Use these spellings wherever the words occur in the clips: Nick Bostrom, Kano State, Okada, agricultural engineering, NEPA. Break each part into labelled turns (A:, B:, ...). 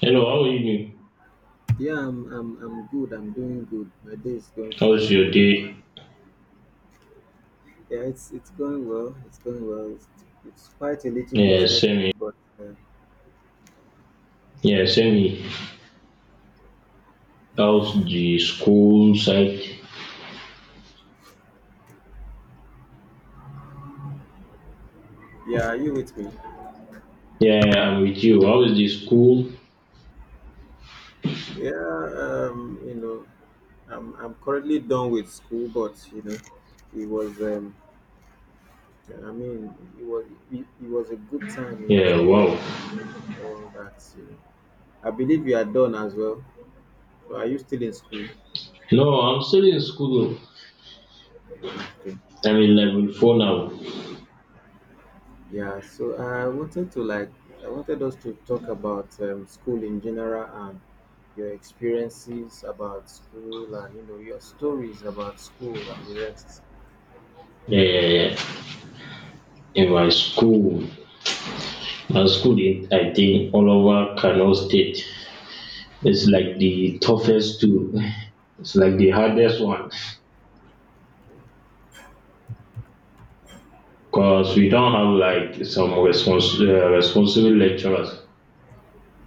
A: Hello, how are you? Doing?
B: Yeah, I'm good. I'm doing good. My day is going
A: How's
B: fine.
A: your day?
B: Yeah, it's going well. It's going well. It's quite a little bit
A: Yeah,
B: hectic,
A: same here.
B: but
A: Yeah, same. here. How's the school side?
B: yeah, are you with me?
A: Yeah, yeah, I'm with you. How is the school?
B: Yeah, um, you know, I'm currently done with school, but you know, it was I mean, it was it, it was a good time in
A: Yeah,
B: school.
A: wow.
B: All that, you know. I believe you are done as well. Are you still in school?
A: No, I'm still in school.
B: Okay.
A: I'm in level four now.
B: Yeah, so I wanted us to talk about school in general and your experiences about school and you know your stories about school and the rest.
A: Yeah, yeah, yeah. In my school. My school in, I think, all over Kano State, it's like the toughest to. It's like the hardest one because we don't have like some responsible lecturers.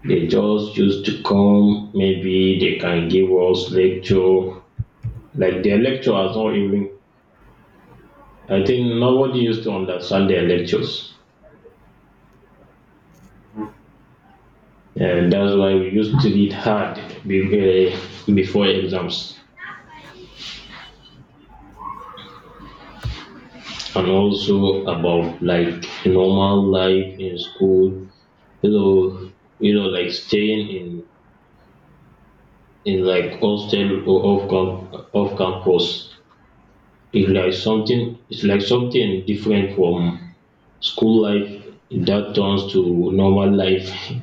A: They just used to come. Maybe they can give us lecture. Like their lecture has not even. I think nobody used to understand their lectures, and that's why we used to read hard be- eh, before exams. And also about like normal life in school. You know, like staying in like hostel or off campus. It's like something different from school life, that turns to normal life.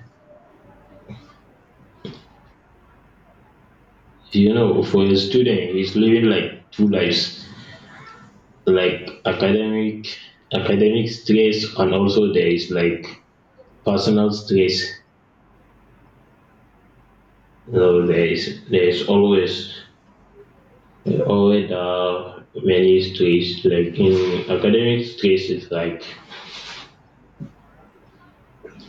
A: You know, for a student, he's living like two lives, like academic stress, and also there is like personal stress. You know, there is always always many stress. Like in academic stress, is like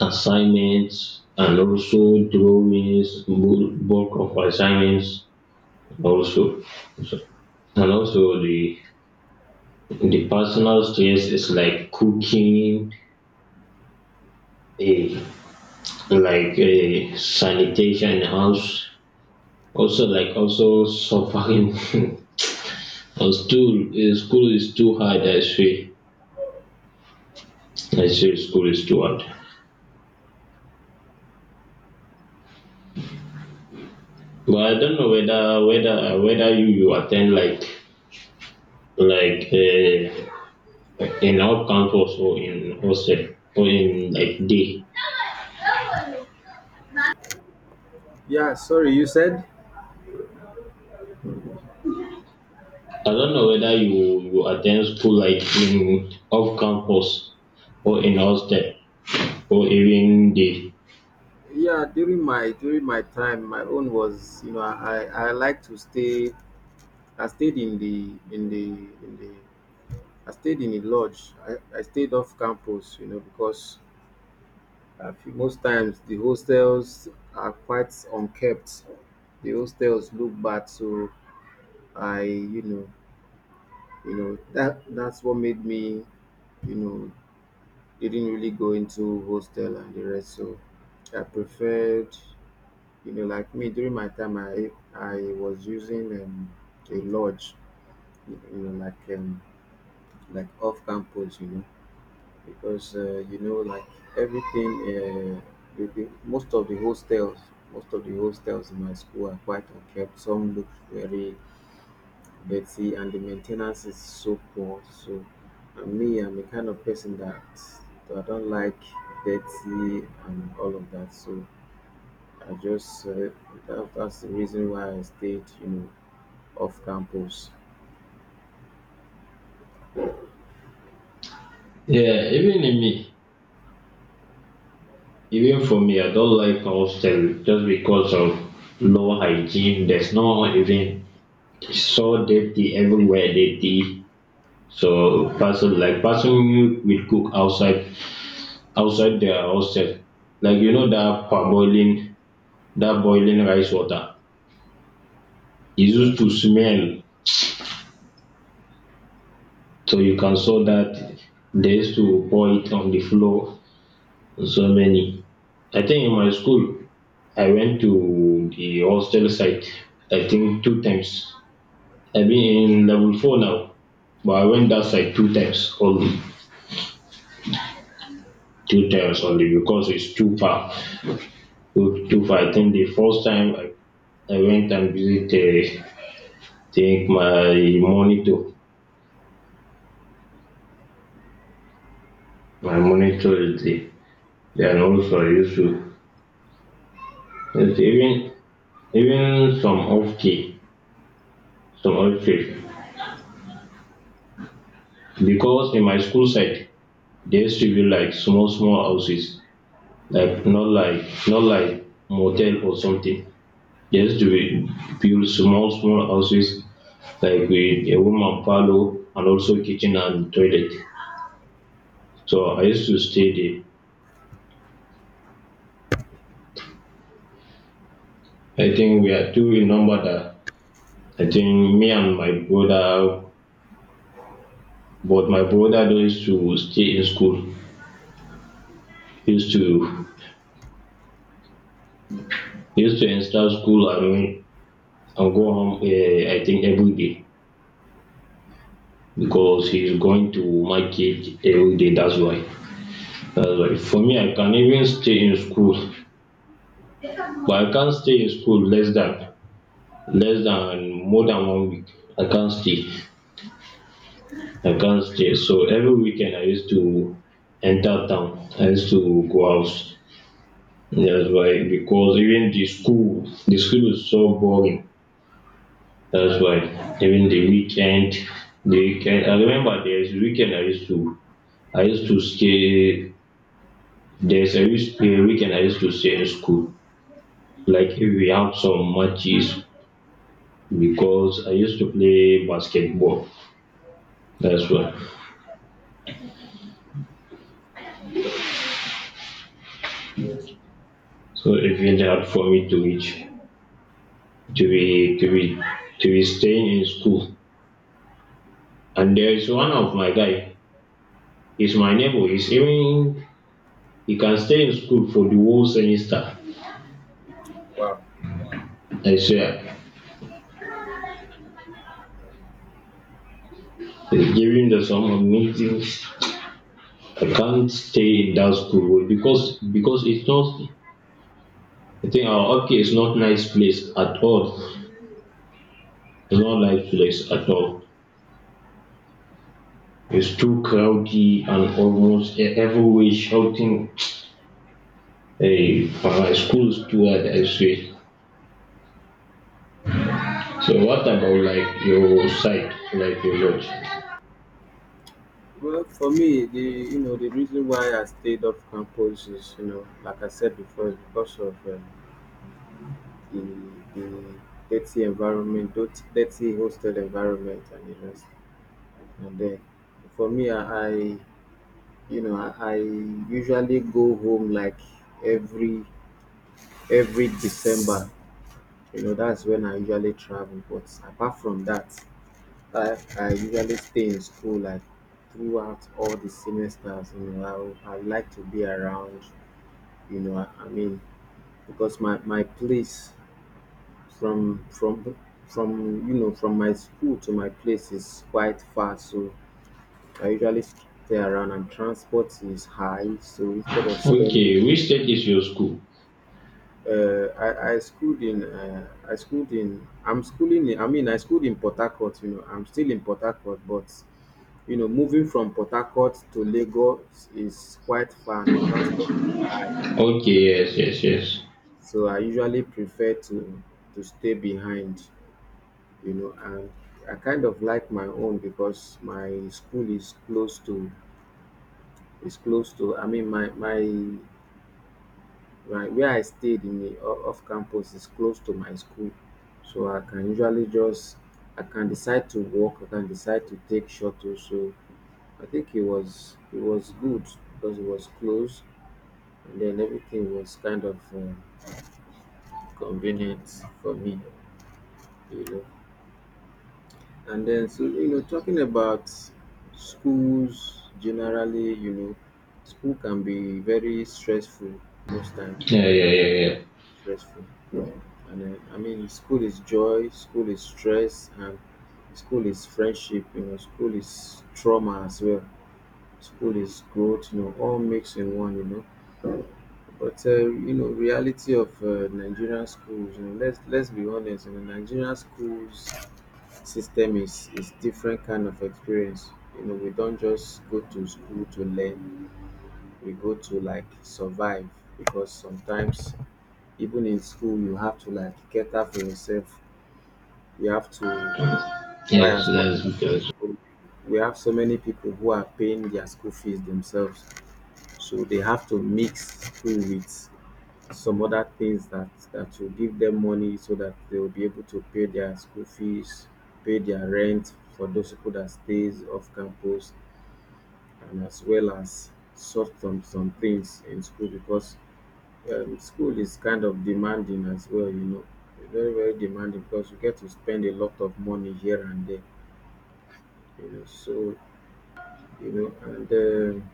A: assignments and also drawings, bulk of assignments also, So- and also the personal stress is like cooking, a like a sanitation in the house. Also like also suffering. And school school is too hard. I say, school is too hard. But I don't know whether you attend like like uh, in out campus or in hostel or in like day.
B: Yeah, sorry, you said?
A: I don't know whether you attend school like in off campus or in hostel, or even the.
B: Yeah, during my time, my own was, you know, I like to stay. I stayed in the I stayed in a lodge. I stayed off campus, you know, because I most times the hostels are quite unkept, the hostels look bad. So I you know that that's what made me, you know, didn't really go into hostel and the rest. So I preferred, you know, like me during my time I was using a lodge, you know, like off campus, you know, because you know, like everything, most of the hostels, most of the hostels in my school are quite unkept, some look very. But see, and the maintenance is so poor. So, and me, I'm the kind of person that I don't like dirty and all of that. So, I just that's the reason why I stayed, you know, off campus.
A: Yeah, even for me, I don't like hostel just because of low hygiene. There's no even, it's so dirty, everywhere dirty. So person, like person, you will cook outside, outside their hostel, like, you know, that parboiling, that boiling rice water, it used
B: Wow.
A: to smell. So you can saw that they used to pour it on the floor. So many, I think in my school, I went to the hostel site, I think two times. I've been in level four now, but I went that side two times only, two times only, because it's too far, too far. I
B: Wow.
A: think the first time I went and visited, I think my monitor, is there. Then also I used to, it's even even some off key, some off key, because in my school site there used to be like small small houses, like not like motel or something. Just we build small small houses like with a woman parlor and also kitchen and toilet. So I used to stay there. I think we are two in number, that I think me and my brother. But my brother don't used to stay in school. He used to he used to enter school and go home, I think every day, because he's going to market every day, that's why. Like for me, I can even stay in school, but I can't stay in school less than more than 1 week. I can't stay. I can't stay. So every weekend I used to enter town. I used to go out. That's why, because even the school is so boring. That's why even the weekend, I remember there's a weekend I used to stay. There's a a weekend I used to stay in school. Like if we have some matches, because I used to play basketball. That's why.
B: Wow.
A: So it's really hard for me to reach, to be to be to be staying in school. And there is one of my guy. He's my neighbor. He's even, he can stay in school for the whole semester.
B: Wow.
A: I swear. Given the sum of meetings, I can't stay in that school, because it's not. I think our okay is not nice place at all. It's not nice place at all. It's too crowded and almost everywhere shouting. Hey, school is too hard, I say. So what about like your site, like your lodge?
B: Well, for me, the, you know, the reason why I stayed off campus is, you know, like I said before, is because of the the dirty environment, dirty hostel environment, and the rest. And then for me, I you know, I usually go home like every every December. You know, that's when I usually travel. But apart from that, I usually stay in school like throughout all the semesters. You know, I like to be around. You know, I mean, because my place from from from you know, from my school to my place is quite far. So I usually skip the run and transport is high, so instead of spending,
A: Okay, which state is your school?
B: I schooled in, I schooled in, I'm schooling in, I mean, I schooled in Port Harcourt, you know, I'm still in Port Harcourt, but, you know, moving from Port Harcourt to Lagos is quite far and the transport is high.
A: Okay, yes, yes, yes.
B: So I usually prefer to stay behind, you know, and I kind of like my own because my school is close to, is close to, I mean, my, my, Right, where I stayed in the off campus is close to my school, so I can usually just, I can decide to walk, I can decide to take shuttle. So I think it was good because it was close, and then everything was kind of convenient for me, you know. And then, so, you know, talking about schools generally, you know, school can be very stressful most times.
A: Yeah,
B: School
A: yeah,
B: can
A: yeah,
B: be
A: yeah.
B: stressful. And then, I mean, school is joy, school is stress, and school is friendship, you know, school is trauma as well, school is growth, you know, all mixed in one, you know. But you know, reality of Nigerian schools, you know, let's be honest, you know, Nigerian schools system is different kind of experience. You know, we don't just go to school to learn; we go to like survive because sometimes even in school you have to like cater for yourself, you have to try
A: Yes,
B: as much
A: that's
B: as
A: because.
B: possible. We have so many people who are paying their school fees themselves, so they have to mix school with some other things that will give them money so that they will be able to pay their school fees, pay their rent for those people that stays off campus, and as well as sort some things in school because school is kind of demanding as well. You know, very demanding because you get to spend a lot of money here and there. You know, so you know, and um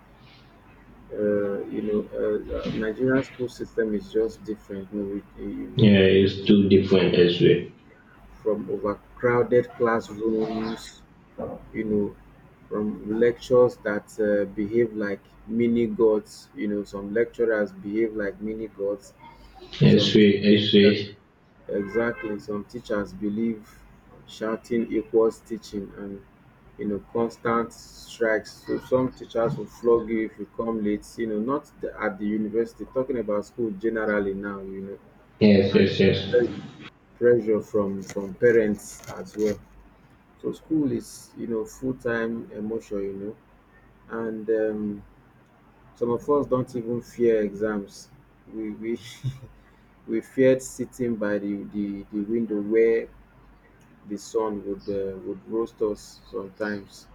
B: uh, you know uh, uh, nigerian school system is just different, you know,
A: Yeah, it's too different as well.
B: from overcrowded classrooms, you know, from lectures that behave like mini gods, you know, some lecturers behave like mini gods,
A: As
B: some.
A: well, as well.
B: Exactly. Some teachers believe shouting equals teaching, and you know constant strikes. So some teachers will flog you if you come late, you know, not at the university, talking about school generally now, you know,
A: Yes,
B: and
A: yes,
B: very
A: yes.
B: pressure from parents as well. So school is, you know, full-time emotion, you know, and some of us don't even fear exams. We we feared sitting by the window where the sun would roast us sometimes.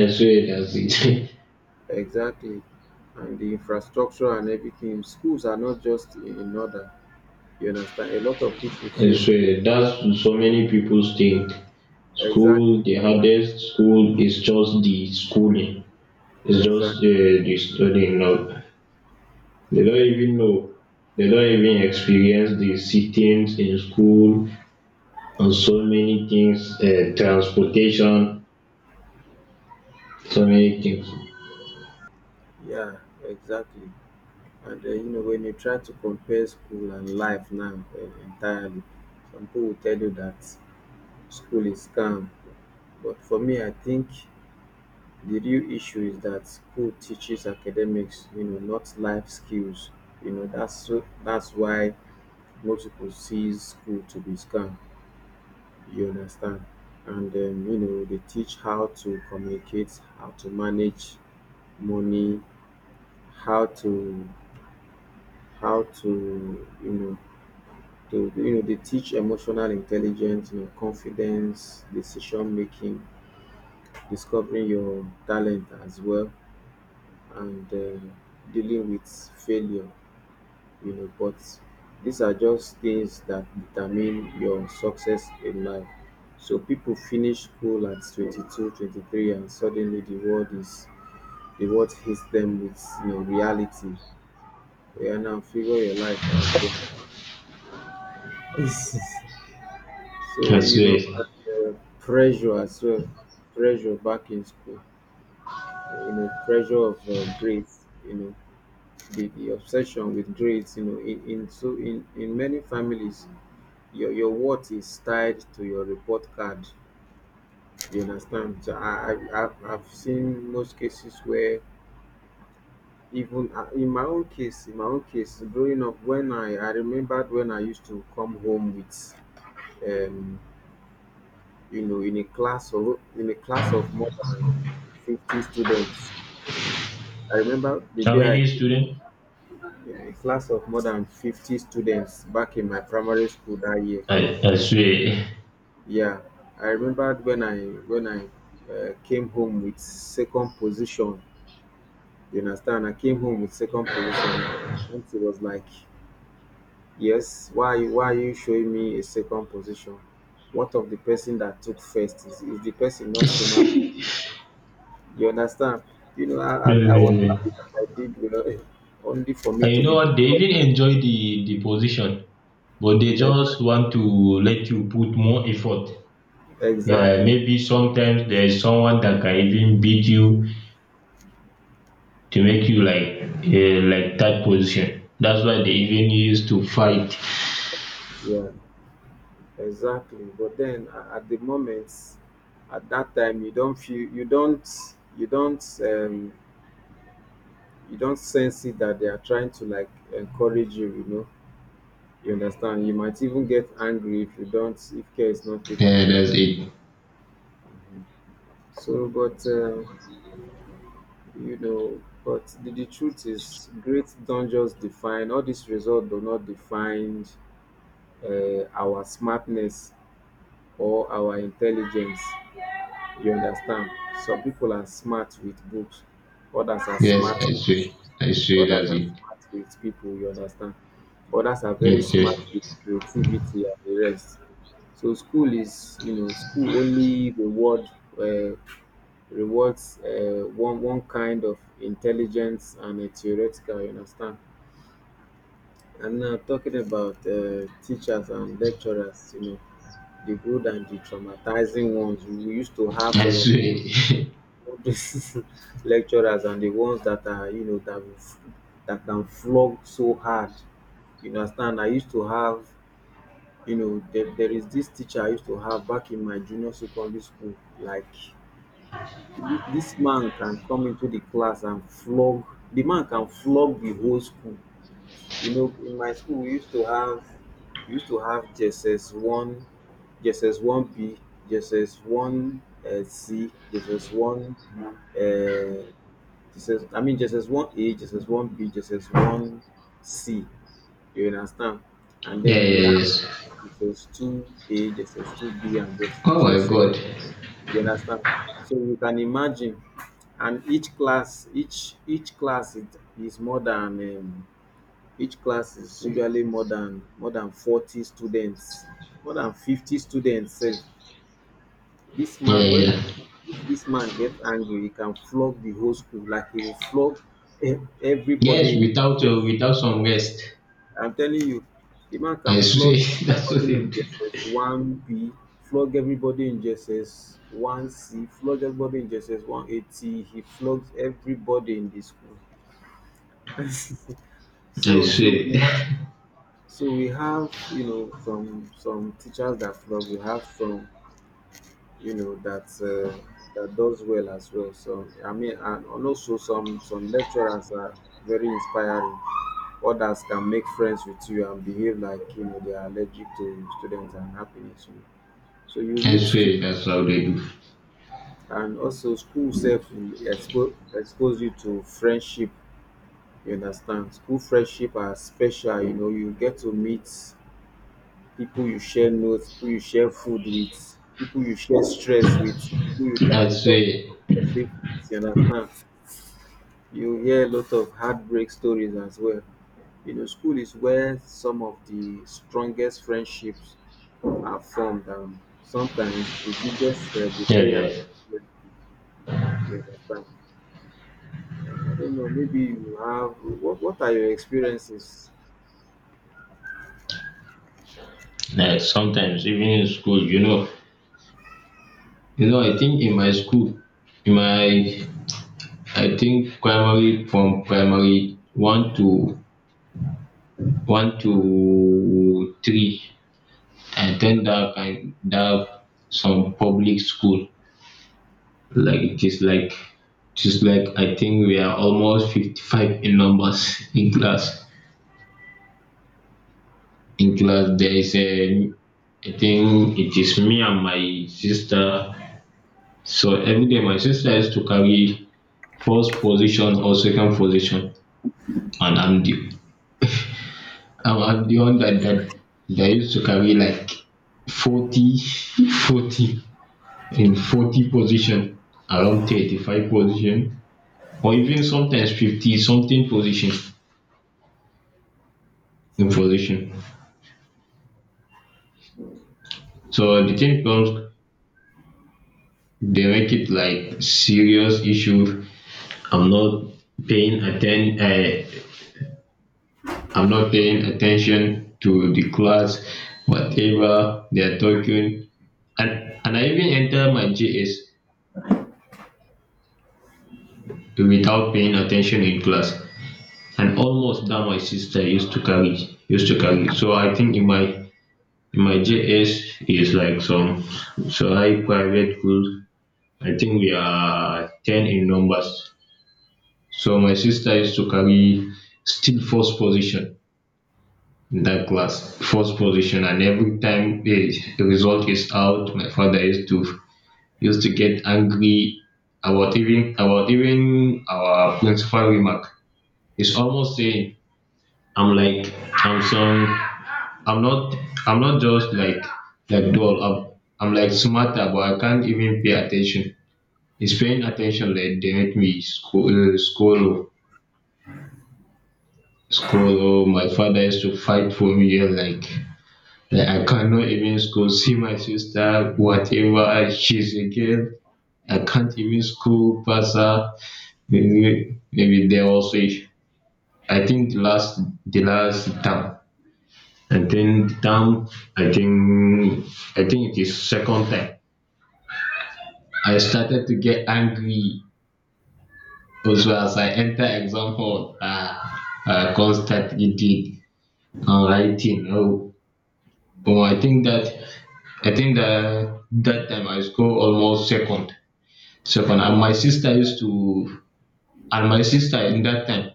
A: As well, that's it.
B: Exactly. And the infrastructure and everything. Schools are not just in order. You understand? A lot of people
A: As
B: say school.
A: well, that's so many people think. School,
B: Exactly.
A: the hardest school is just the schooling. It's just
B: Exactly.
A: the studying now. They don't even know. They don't even experience the sittings in school, and so many things, transportation, so many things.
B: Yeah, exactly. And you know, when you try to compare school and life now entirely, some people will tell you that school is calm. But for me, I think the real issue is that school teaches academics, you know, not life skills, you know, that's why most people see school to be scam, you understand. And you know, they teach how to communicate, how to manage money, how to how to you know they teach emotional intelligence, you know, confidence, decision making, discovering your talent as well, and dealing with failure, you know, but these are just things that determine your success in life. So people finish school at 22, 23, and suddenly the world hits them with, you know, reality. Yeah, now figure your life out. You understand? So
A: I
B: you
A: swear.
B: know, and, pressure as well, pressure back in school. You know, pressure of grades. You know, the obsession with grades. You know, in so in many families your worth is tied to your report card. You understand? So I've seen most cases where even in my own case, in my own case, growing up, when I remembered when I used to come home with, um, you know, in a class of more than 50 students. I remember the
A: How
B: day I,
A: many students?
B: in a class of more than 50 students back in my primary school that year.
A: I swear.
B: Yeah, I remembered when I came home with second position. You understand? I came home with second position. And it was like, yes, why are you showing me a second position? What of the person that took first? Is the person not human? You understand? You know, I, I,
A: Yeah,
B: I
A: yeah,
B: was
A: yeah.
B: happy that I did. You know, only for me
A: And
B: to
A: you know
B: be
A: what? They even enjoy the position, but they
B: discovered.
A: just want to let you put more effort. Yeah,
B: Exactly.
A: maybe sometimes there is someone that can even beat you, to make you like that position. That's why they even used to fight.
B: Yeah. Exactly. But then, at the moment, at that time, you don't feel, you don't, you don't, you don't sense it that they are trying to like encourage you. You know, you understand. You might even get angry if you don't, if care is not taken.
A: Yeah,
B: You know?
A: that's it.
B: So, but you know, but the truth is, grades don't just define. All these results do not define our smartness or our intelligence. You understand, some people are smart with books, others are
A: Yes,
B: smart
A: I swear. I swear
B: others
A: that's
B: are
A: it.
B: smart with people, you understand, others are very
A: Yes, yes.
B: smart with creativity and the rest. So school is, you know, school only uh, rewards one kind of intelligence and a theoretical, you understand. And now talking about teachers and lecturers, you know, the good and the traumatizing ones. We used to have
A: I
B: some of
A: swear.
B: this lecturers, and the ones that are, you know, that that can flog so hard. You understand? I used to have, you know, there is this teacher I used to have back in my junior secondary school. Like this man can come into the class and flog. The man can flog the whole school. You know, in my school we used to have, we used to have JSS one, JSS one B, JSS one C, JSS one. uh, just as, just as one A, just as one B, just as one C. You understand? And then we have just two A, just as two B, and just
A: Oh my
B: GSS.
A: god.
B: You understand? So you can imagine, and each class is more than each class is usually more than, more than 40 students, more than 50 students. Sef. This
A: Yeah,
B: man when
A: yeah.
B: If this man gets angry, he can flog the whole school like he will flog e
A: Yes,
B: everybody in
A: without
B: JSS.
A: without some rest.
B: I'm telling you, the man can
A: I swear
B: flog
A: that's what
B: everybody
A: they
B: in
A: do.
B: JSS 1B, flog everybody in JSS 1C, flog everybody in GSS One 180. He flogs everybody in the school.
A: I
B: So we
A: swear.
B: have so we have, you know, some teachers that flog. We have some, you know, that does well as well. So I mean and also some lecturers are very inspiring. Others can make friends with you and behave like, they are allergic to students and happiness. so you
A: I
B: meet st-
A: swear that's how they do.
B: and also school self will expose you to friendship. You understand? School friendship are special. You get to meet people you share notes, people you share food with, people you share stress with, who you
A: I
B: can talk
A: swear.
B: gossip with, you understand? You hear a lot of heartbreak stories as well. You know, school is where some of the strongest friendships are formed, and sometimes the biggest
A: Yeah,
B: betrayals.
A: yeah.
B: You understand? I don't know. Maybe you have. What are your experiences?
A: Like sometimes even in school, you know, you know, I think in my school, in my, I think primary, from primary one to three, I attend that kind, that some public school. Like it is like just like I think we are almost 55 in numbers in class. In class there is a, I think it is me and my sister. So every day my sister has to carry first position or second position, and I'm the, I'm the one that used to carry like 40, 40 in 40 position, around 35 position, or even sometimes 50 something position in position. So the thing comes, they make it like serious issue. I'm not paying atten- uh, I'm not paying attention to the class, whatever they are talking. And, I even enter my JS without paying attention in class, and almost that my sister used to carry. So I think in my, in my JS is like some, so I private school, I think we are 10 in numbers. So my sister used to carry still first position in that class, first position. And every time the result is out, my father used to, get angry about, even about even our principal remark. He's almost saying I'm like, I'm some I'm not, I'm not just like dull. I'm like smarter, but I can't even pay attention. It's paying attention, like they make me school school. Oh, my father used to fight for me, and like I cannot even school. See my sister, whatever, she's a girl. I can't even school pass her. Maybe there was a, I think the last, time. And then down, I think I think it is second time I started to get angry. Also, as I enter exam hall, I constantly did on writing. Oh, oh I think that I think that that time I scored almost second, and my
B: Wow!
A: sister used to, and my sister in that time,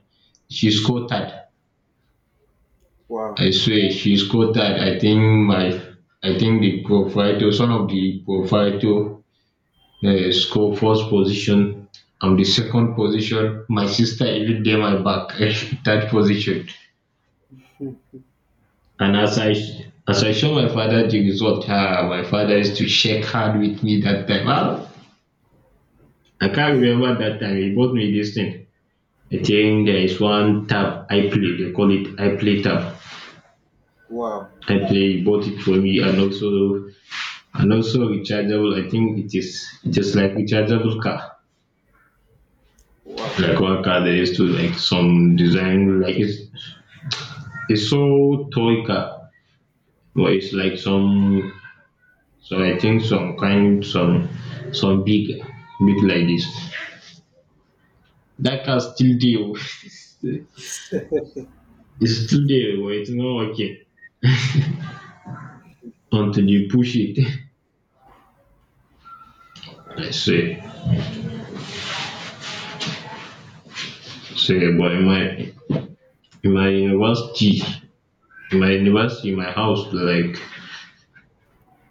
A: she scored third.
B: Wow!
A: I swear, she scored third. I think the proprietor, one of the proprietor, they score first position. I'm the second position. My sister even did my back third position. And as I, as I show my father the result, ah, my father used to shake hand with me that time. Ah, I can't remember that time. He bought me this thing. I think there is one tab I play. They call it I play tab.
B: Wow!
A: I play, he bought it for me, and also, and also rechargeable, I think it is, like rechargeable car.
B: Wow!
A: Like one car they used to like some design, like it's sold toy car, but it's like so I think some kind, some big, big like this. That car still there. It's still there, but it's not okay until you push it. I say, but in my university, in my university, my house,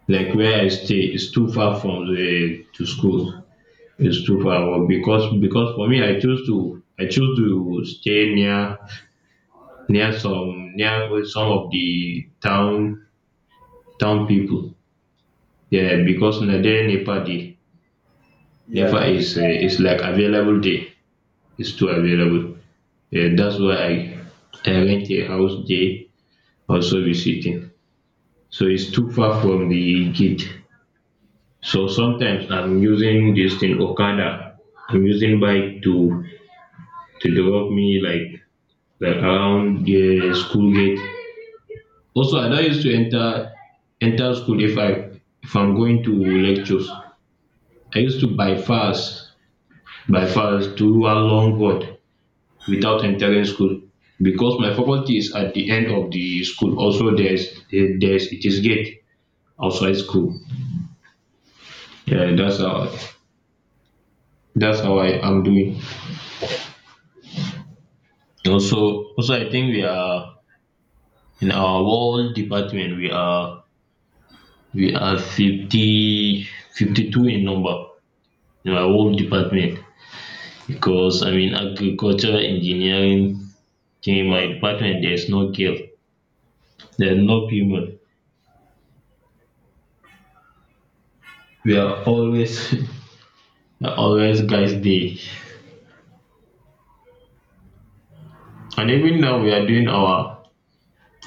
A: like where I stay, is too far from the to school. It's too far, but because, for me, I choose to stay near, near some of the town, town people. Yeah, because na there NEPA dey. NEPA
B: Yeah!
A: is like available day. It's too available. Yeah, that's why I rent a house there, also visiting. So it's too far from the gate. So sometimes I'm using this thing Okada. I'm using bike to drop me like around the school gate. Also, I don't used to enter school if I if I'm going to lectures. I used to bypass do one long road without entering school because my faculty is at the end of the school. Also, there's it is gate outside school. Yeah, that's how I am doing. Also, I think we are in our whole department we are fifty two in number in our whole department. Because I mean agricultural engineering, in my
B: Wow!
A: department there's no girl, there's no female. We are always always guys day. And even now we are doing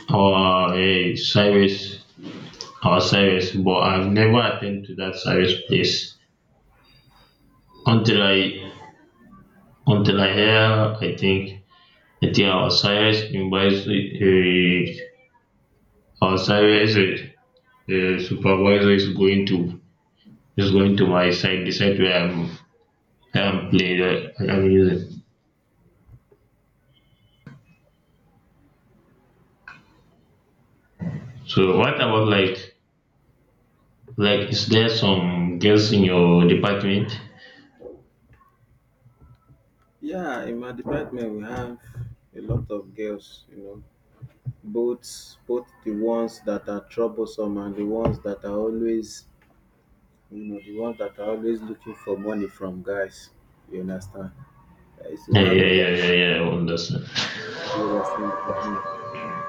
A: our service our service, but I've never attended to that service place until I until I hear. I think I think our service invites our service supervisor is going to my side decide where I'm. Haven't played it. I haven't used it. So what about like is there some girls in your department?
B: Yeah, in my department we have a lot of girls, you know, both the ones that are troublesome and the ones that are always looking for money from guys. You understand? I used to
A: Yeah,
B: have
A: yeah,
B: a lot
A: yeah, yeah, yeah, I understand.
B: of people that sing with me.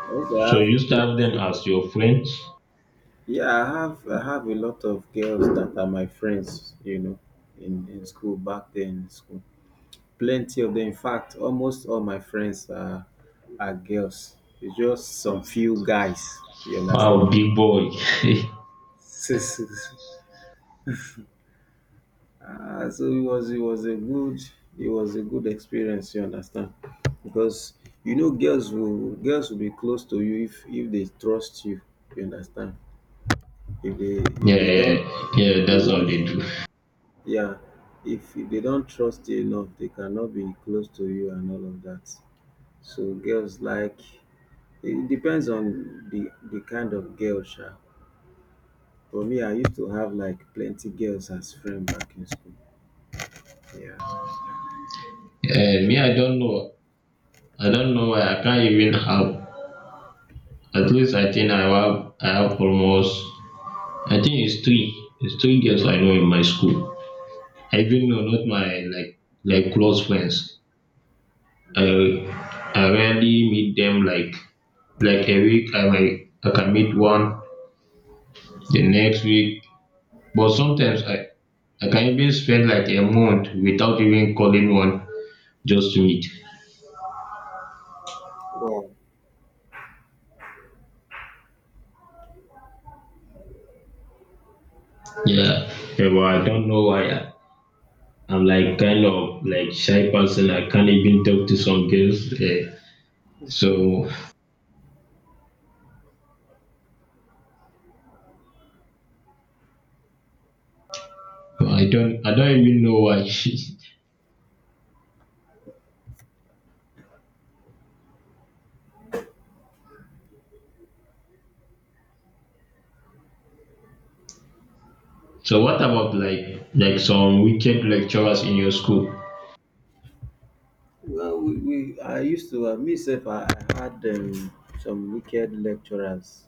B: I used to
A: So you
B: have
A: used to have them
B: plenty.
A: as your friends?
B: Yeah, I have a lot of girls that are my friends, you know, in school back then in school. Plenty of them. In fact, almost all my friends are girls. It's just some few guys. You understand?
A: Wow, big boy.
B: So, so, so so it was a good experience. You understand? Because, you know, girls will be close to you if they trust you. You understand? If they if
A: Yeah,
B: they don't,
A: yeah, yeah,
B: they
A: that's all
B: won't.
A: they do.
B: Yeah. If they don't trust you enough, they cannot be close to you and all of that. So girls like, it depends on the kind of girl sha. For me, I used to have like plenty girls as friend back in school. Yeah.
A: Me, I don't know. I don't know why I can't even have. At least I think I have almost. I think it's three. It's three girls I know in my school. I even know not my like close friends. I
B: Yeah.
A: I rarely meet them like a week. I can meet one the next week, but sometimes I can even spend like a month without even calling one just to meet.
B: Wow.
A: Yeah, yeah, but I don't know why. I'm like kind of like shy person. I can't even talk to some girls. Eh. So I don't even know why. So what about like some wicked lecturers in your school?
B: Well, we I used to me self, I had some wicked lecturers,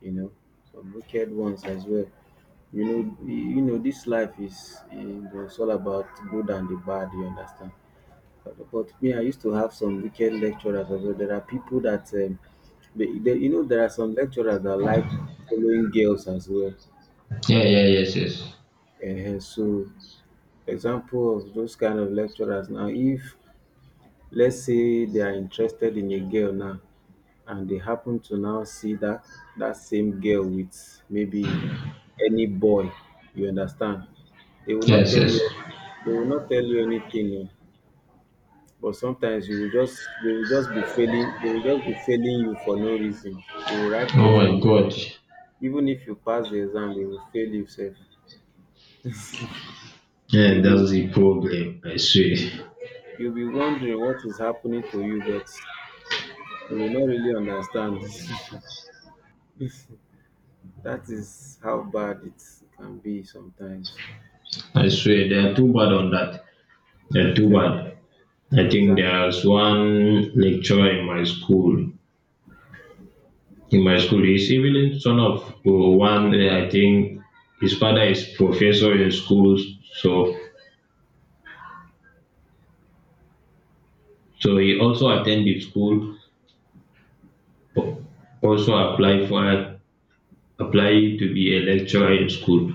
B: you know, some wicked ones as well. You know this life is it was all about good and the bad. You understand? But me, I used to have some wicked lecturers as well. There are people that, there are some lecturers that like following girls as well.
A: Yeah, yeah, yes, yes,
B: Uh, so, Example of those kind of lecturers now, if let's say they are interested in a girl now, and they happen to now see that that same girl with maybe any boy, you understand? They will not
A: yes,
B: tell
A: yes.
B: you. They will not tell you anything. Oh. But sometimes you will just they will just be failing you for no reason. You will write the
A: Oh my
B: exam.
A: God.
B: Even if you pass the exam, they will fail you sef.
A: Yeah,
B: you will
A: that's the problem. I swear.
B: you you will be wondering what is happening to you, but you will not really understand. That is how bad it can be sometimes.
A: I
B: Yeah.
A: swear, they are too bad on that. They're too
B: E-
A: bad. I think
B: exactly.
A: there's one lecturer in my school. In my school, he's even son of one. I think his father is professor in schools. So, so, he also attended school. al- Also apply to be a lecturer in school.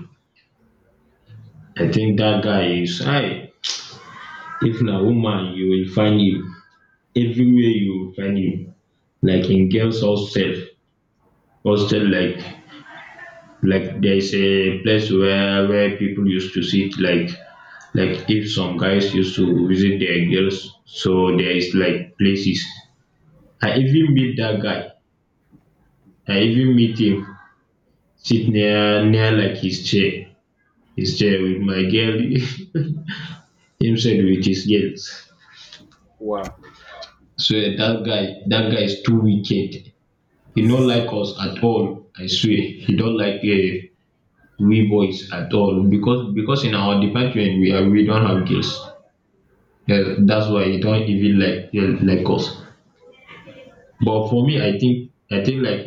A: I think that guy is high. If na woman, you will find him everywhere. You will find him, like in games hostel, like there's a place where people used to sit, like if some guys used to visit their girls, so there is like places. I even meet that guy, I even meet him, sit near like his chair with my girl. Himself with his girls.
B: Wow.
A: So that guy is too wicked. He not like us at all, I swear. He don't like, we boys at all, because in our department we don't have girls. That's why you don't even like like us. But for me, I think like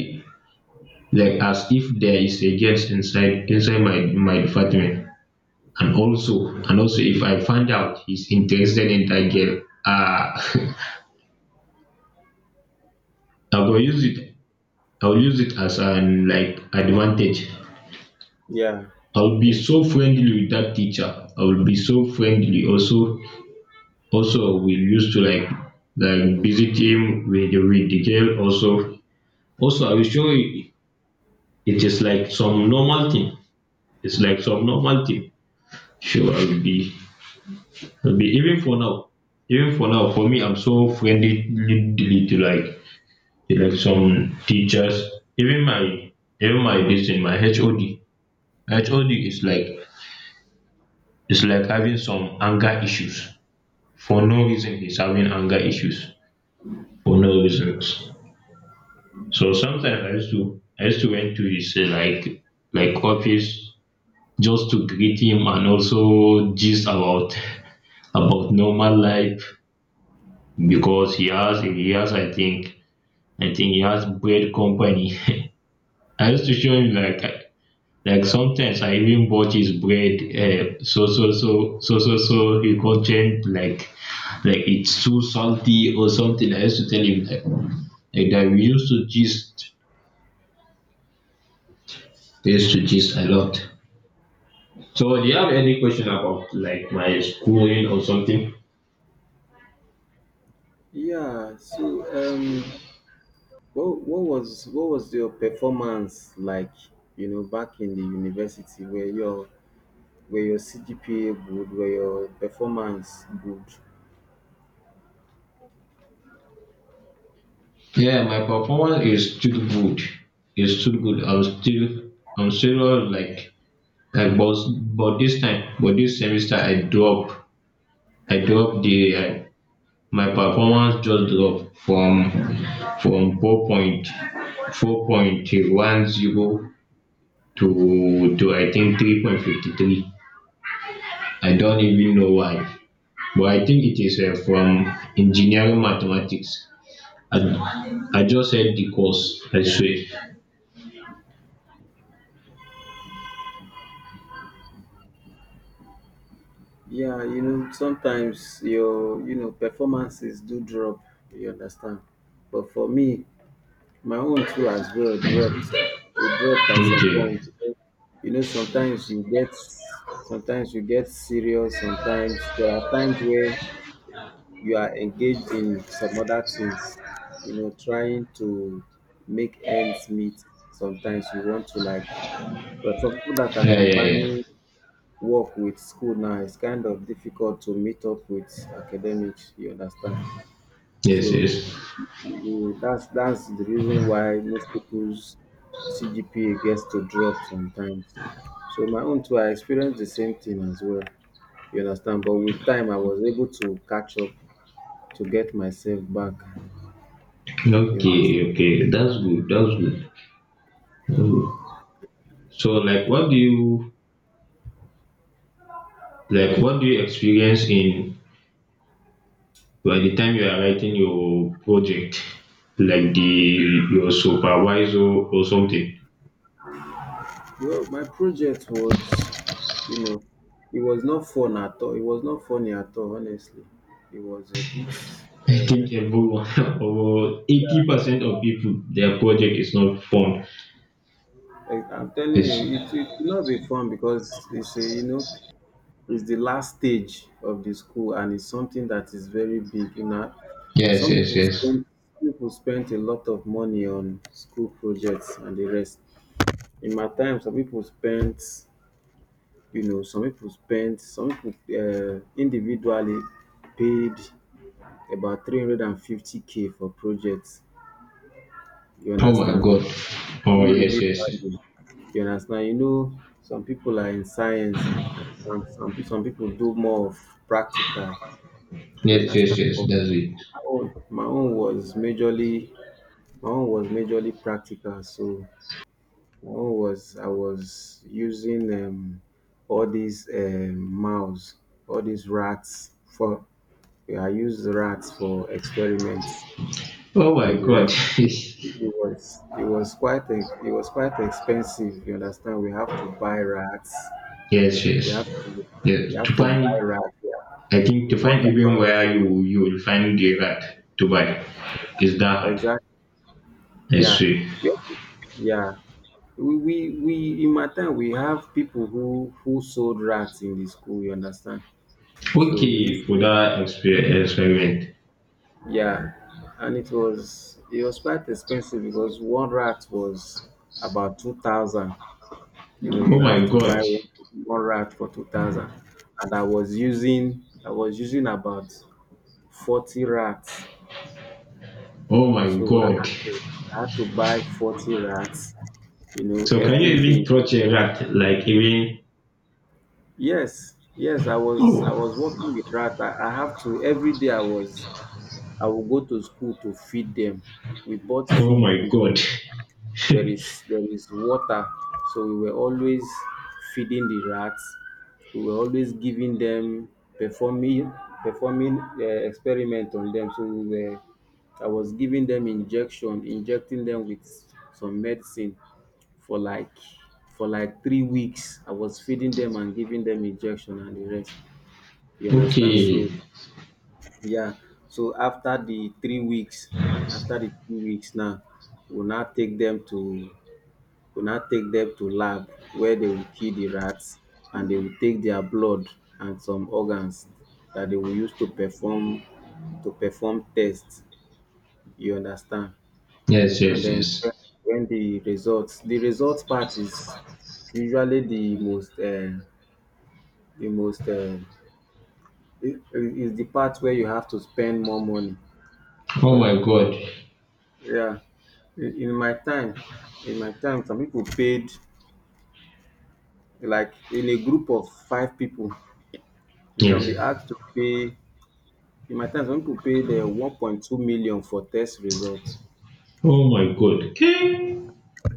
A: like as if there is a girls inside my department, and also if I find out he's interested in that girl, I will use it. I will use it as an like advantage.
B: Yeah.
A: I will be
B: Ex-
A: so friendly with that teacher. I will be so friendly. Also we used to like visit him with the girl. Also I will show you it is like some normal thing. It's like some normal thing. Sure, I'll be even for now. For me, I'm so friendly, to like some teachers. even my Even my this in my HOD is like. It's like having some anger issues for no reason. He's having anger issues for no reasons. So sometimes I used to went to his like office, just to greet him, and also gist about about normal life, because he has I think he has bread company. I used to show him like sometimes I even bought his bread. So he complained like like it's too salty or something. I used to tell him like that we used to gist. We used to gist a lot. So do you have any question about like my schooling or something?
B: yeah. So, um what was your performance like, you know, back in the university? Where your Were your CGPA good? Were your performance good?
A: Yeah, my performance is still good. It's still good. I'm still like but this time, but this semester, I drop the my performance just drop from four point one zero to, I think 3.53. I don't even know why, but I think it is from engineering mathematics. I just said the course, I swear.
B: Yeah, you know, sometimes your performances do drop, you understand. But for me, my own too as well dropped. It dropped at some
A: Okay.
B: point. You know, sometimes you get serious. Sometimes there are times where you are engaged in some other things, you know, trying to make ends meet. Sometimes you want to like But for people that are
A: Yeah, yeah, yeah.
B: combining work with school, now it's kind of difficult to meet up with academics, you understand.
A: Yes,
B: So
A: yes.
B: that's the reason why most people's CGPA gets to drop sometimes. So my own too, I experienced the same thing as well, you understand. But with time, I was able to catch up to get myself back, you
A: Okay,
B: understand.
A: okay. That's good. That's good. That's good. So, like, what do you like? What do you experience in by the time you are writing your project, like the your supervisor or something?
B: Well, my project was you know it was not fun at all. It was not funny at all, honestly. It was a bit.
A: I think everyone, over 80% of people, their project is not fun.
B: Like, I'm telling you,
A: Yes,
B: it will not be fun because it's a, you know it's the last stage of the school, and it's something that is very big. You know,
A: yes,
B: some
A: yes,
B: people
A: yes.
B: spend some people spend a lot of money on school projects and the rest. In my time, some people spent, you know, some people spent, some people, individually paid about 350K for projects. You
A: Oh my
B: understand?
A: God. Oh yes,
B: Individually.
A: yes.
B: You understand? You know, some people are in science, and some people do more of practical. You
A: Yes, yes,
B: understand?
A: yes,
B: But
A: that's it.
B: my own, my own was majorly my own was majorly practical. So my own was I was using, all these, all these rats for I used rats for experiments
A: Oh my
B: and the
A: god.
B: rest.
A: Yes,
B: It was quite expensive. You understand? We have to buy rats.
A: yes.
B: We have to we
A: Yes.
B: have
A: To
B: to buy
A: find.
B: rats. Yeah,
A: I think
B: we
A: to
B: bought
A: find even
B: about.
A: where you will find the rat to buy is that hard.
B: Exactly.
A: I
B: Yeah,
A: see.
B: we, yeah. We in my time, we have people who sold rats in the school. You understand? So we
A: Okay,
B: used to.
A: for that experiment.
B: Yeah. And it was quite expensive because one rat was about 2,000. You know,
A: Oh
B: you have
A: my
B: to
A: god.
B: buy one, one rat for 2,000. And I was using about 40 rats.
A: Oh my
B: So
A: god.
B: I had to buy 40 rats, you know,
A: So can you
B: every
A: even
B: day.
A: touch a rat? Like, even.
B: Yes, yes, I
A: oh
B: was working with rats. I have to, every day I was I would go to school to feed them. We bought
A: oh
B: feed.
A: my
B: We
A: god.
B: There is water. So we were always feeding the rats. We were always giving them performing performing experiment on them. So we were I was giving them injection injecting them with some medicine for like for like 3 weeks. I was feeding them and giving them injection and the rest, you understand.
A: Okay.
B: So. Yeah. So after the 3 weeks now, we'll now take them to go now take them to lab where they will kill the rats, and they will take their blood and some organs that they will use to perform tests. You understand?
A: Yes,
B: And
A: yes,
B: then,
A: yes.
B: when the results part is usually the most, is the part where you have to spend more money,
A: Oh
B: because
A: my god.
B: yeah, in my time in my time, some people paid, like, in a group of 5 people, you can be
A: Yes.
B: asked to pay. In my time, some people pay the 1.2 million for test results.
A: Oh my god. Okay.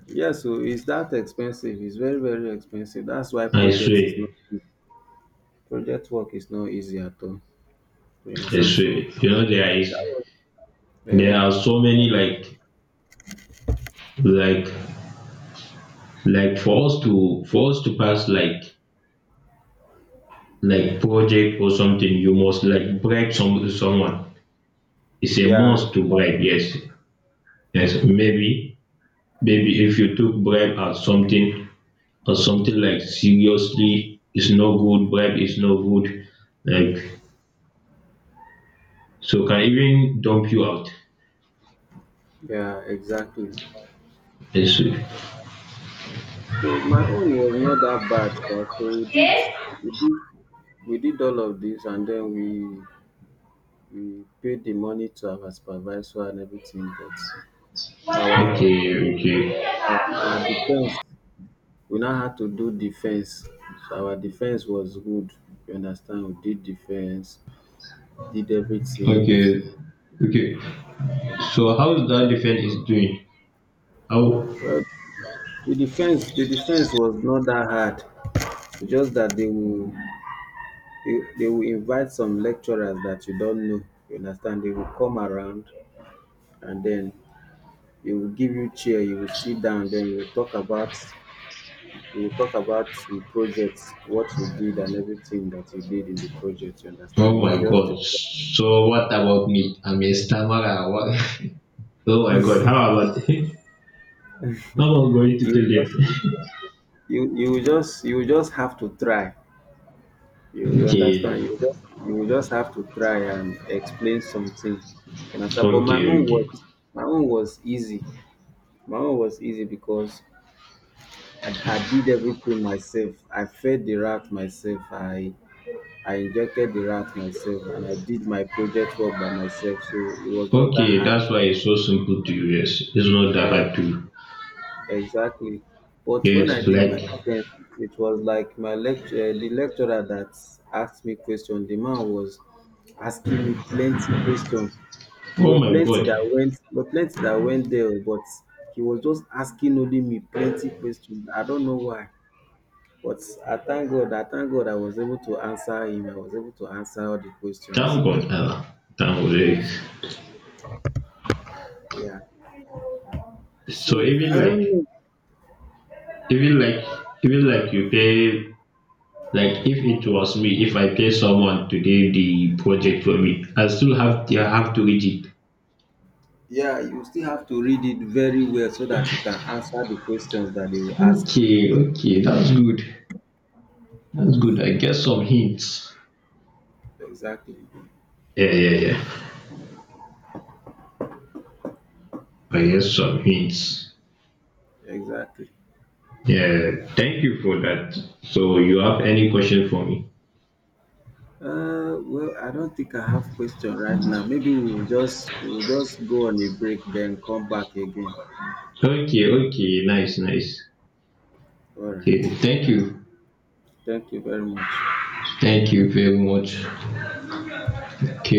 B: Yeah. So it's that expensive. It's very, very expensive. That's why
A: I
B: project
A: swear,
B: is not easy. Project work is not easy at all. You
A: I
B: understand?
A: swear.
B: So
A: You know,
B: that was,
A: there
B: um,
A: are so many like like for us to pass like project or something, you must like bribe someone. It's a
B: yeah,
A: must to bribe, yes. Yes. Maybe if you took bribe at something or something, like, seriously, it's no good. Bribe is no good. Like, so can even dump you out.
B: yeah, exactly.
A: Yes.
B: So my own was not that bad, sha. So we did we did all of this, and then we paid the money to our supervisor and everything. But our
A: Okay,
B: our
A: okay.
B: defense, we now had to do defense. So our defense was good. You understand? We did defense, did everything.
A: Okay, okay. So how is that defense is doing? How?
B: Well, the defense was not that hard. It's just that they will invite some lecturers that you don't know. You understand? They will come around, and then they will give you chair. You will sit down. Then you will talk about the projects, what you did, and everything that you did in the project. You understand?
A: Oh
B: You
A: my
B: will just
A: God.
B: discuss.
A: So what about me? I'm a stammerer. What? Oh my God. How about? How about going to
B: You will
A: tell
B: just
A: them?
B: you just have to try. You
A: Okay,
B: understand? You just have to try and explain something. You understand? But
A: okay, okay,
B: my own was easy. My own was easy because I did everything myself. I fed the rat myself. I injected the rat myself, and I did my project work by myself. So it was not that
A: okay.
B: hard.
A: That's why it's so simple to use. It's not that
B: Uh,
A: hard to.
B: Exactly. But when
A: Yes.
B: I did my
A: Like,
B: defense, it was like the lecturer that asked me questions. The man was asking me plenty questions.
A: oh my God.
B: We were plenty that went there, but he was just asking only me plenty questions. I don't know why, but I thank God. I thank God I was able to answer him. I was able to answer all the questions.
A: Thank God, Allah. Thank God. Eh.
B: Yeah.
A: So
B: So I don't know.
A: even like, even like you pay. Like if it was me, if I pay someone to do the project for me, I have to read it.
B: Yeah, you still have to read it very well so that you can answer the questions that they will ask you.
A: Okay, okay, that's good. That's good. I get some hints.
B: Exactly.
A: Yeah, yeah, yeah. I get some hints.
B: Exactly.
A: Yeah, thank you for that. So you have any question for me?
B: Well, I don't think I have question right now. Maybe we'll just go on a break, then come back again.
A: Okay, okay, nice, nice.
B: All
A: Okay,
B: right.
A: thank you.
B: Thank you very much.
A: Thank you very much. Okay.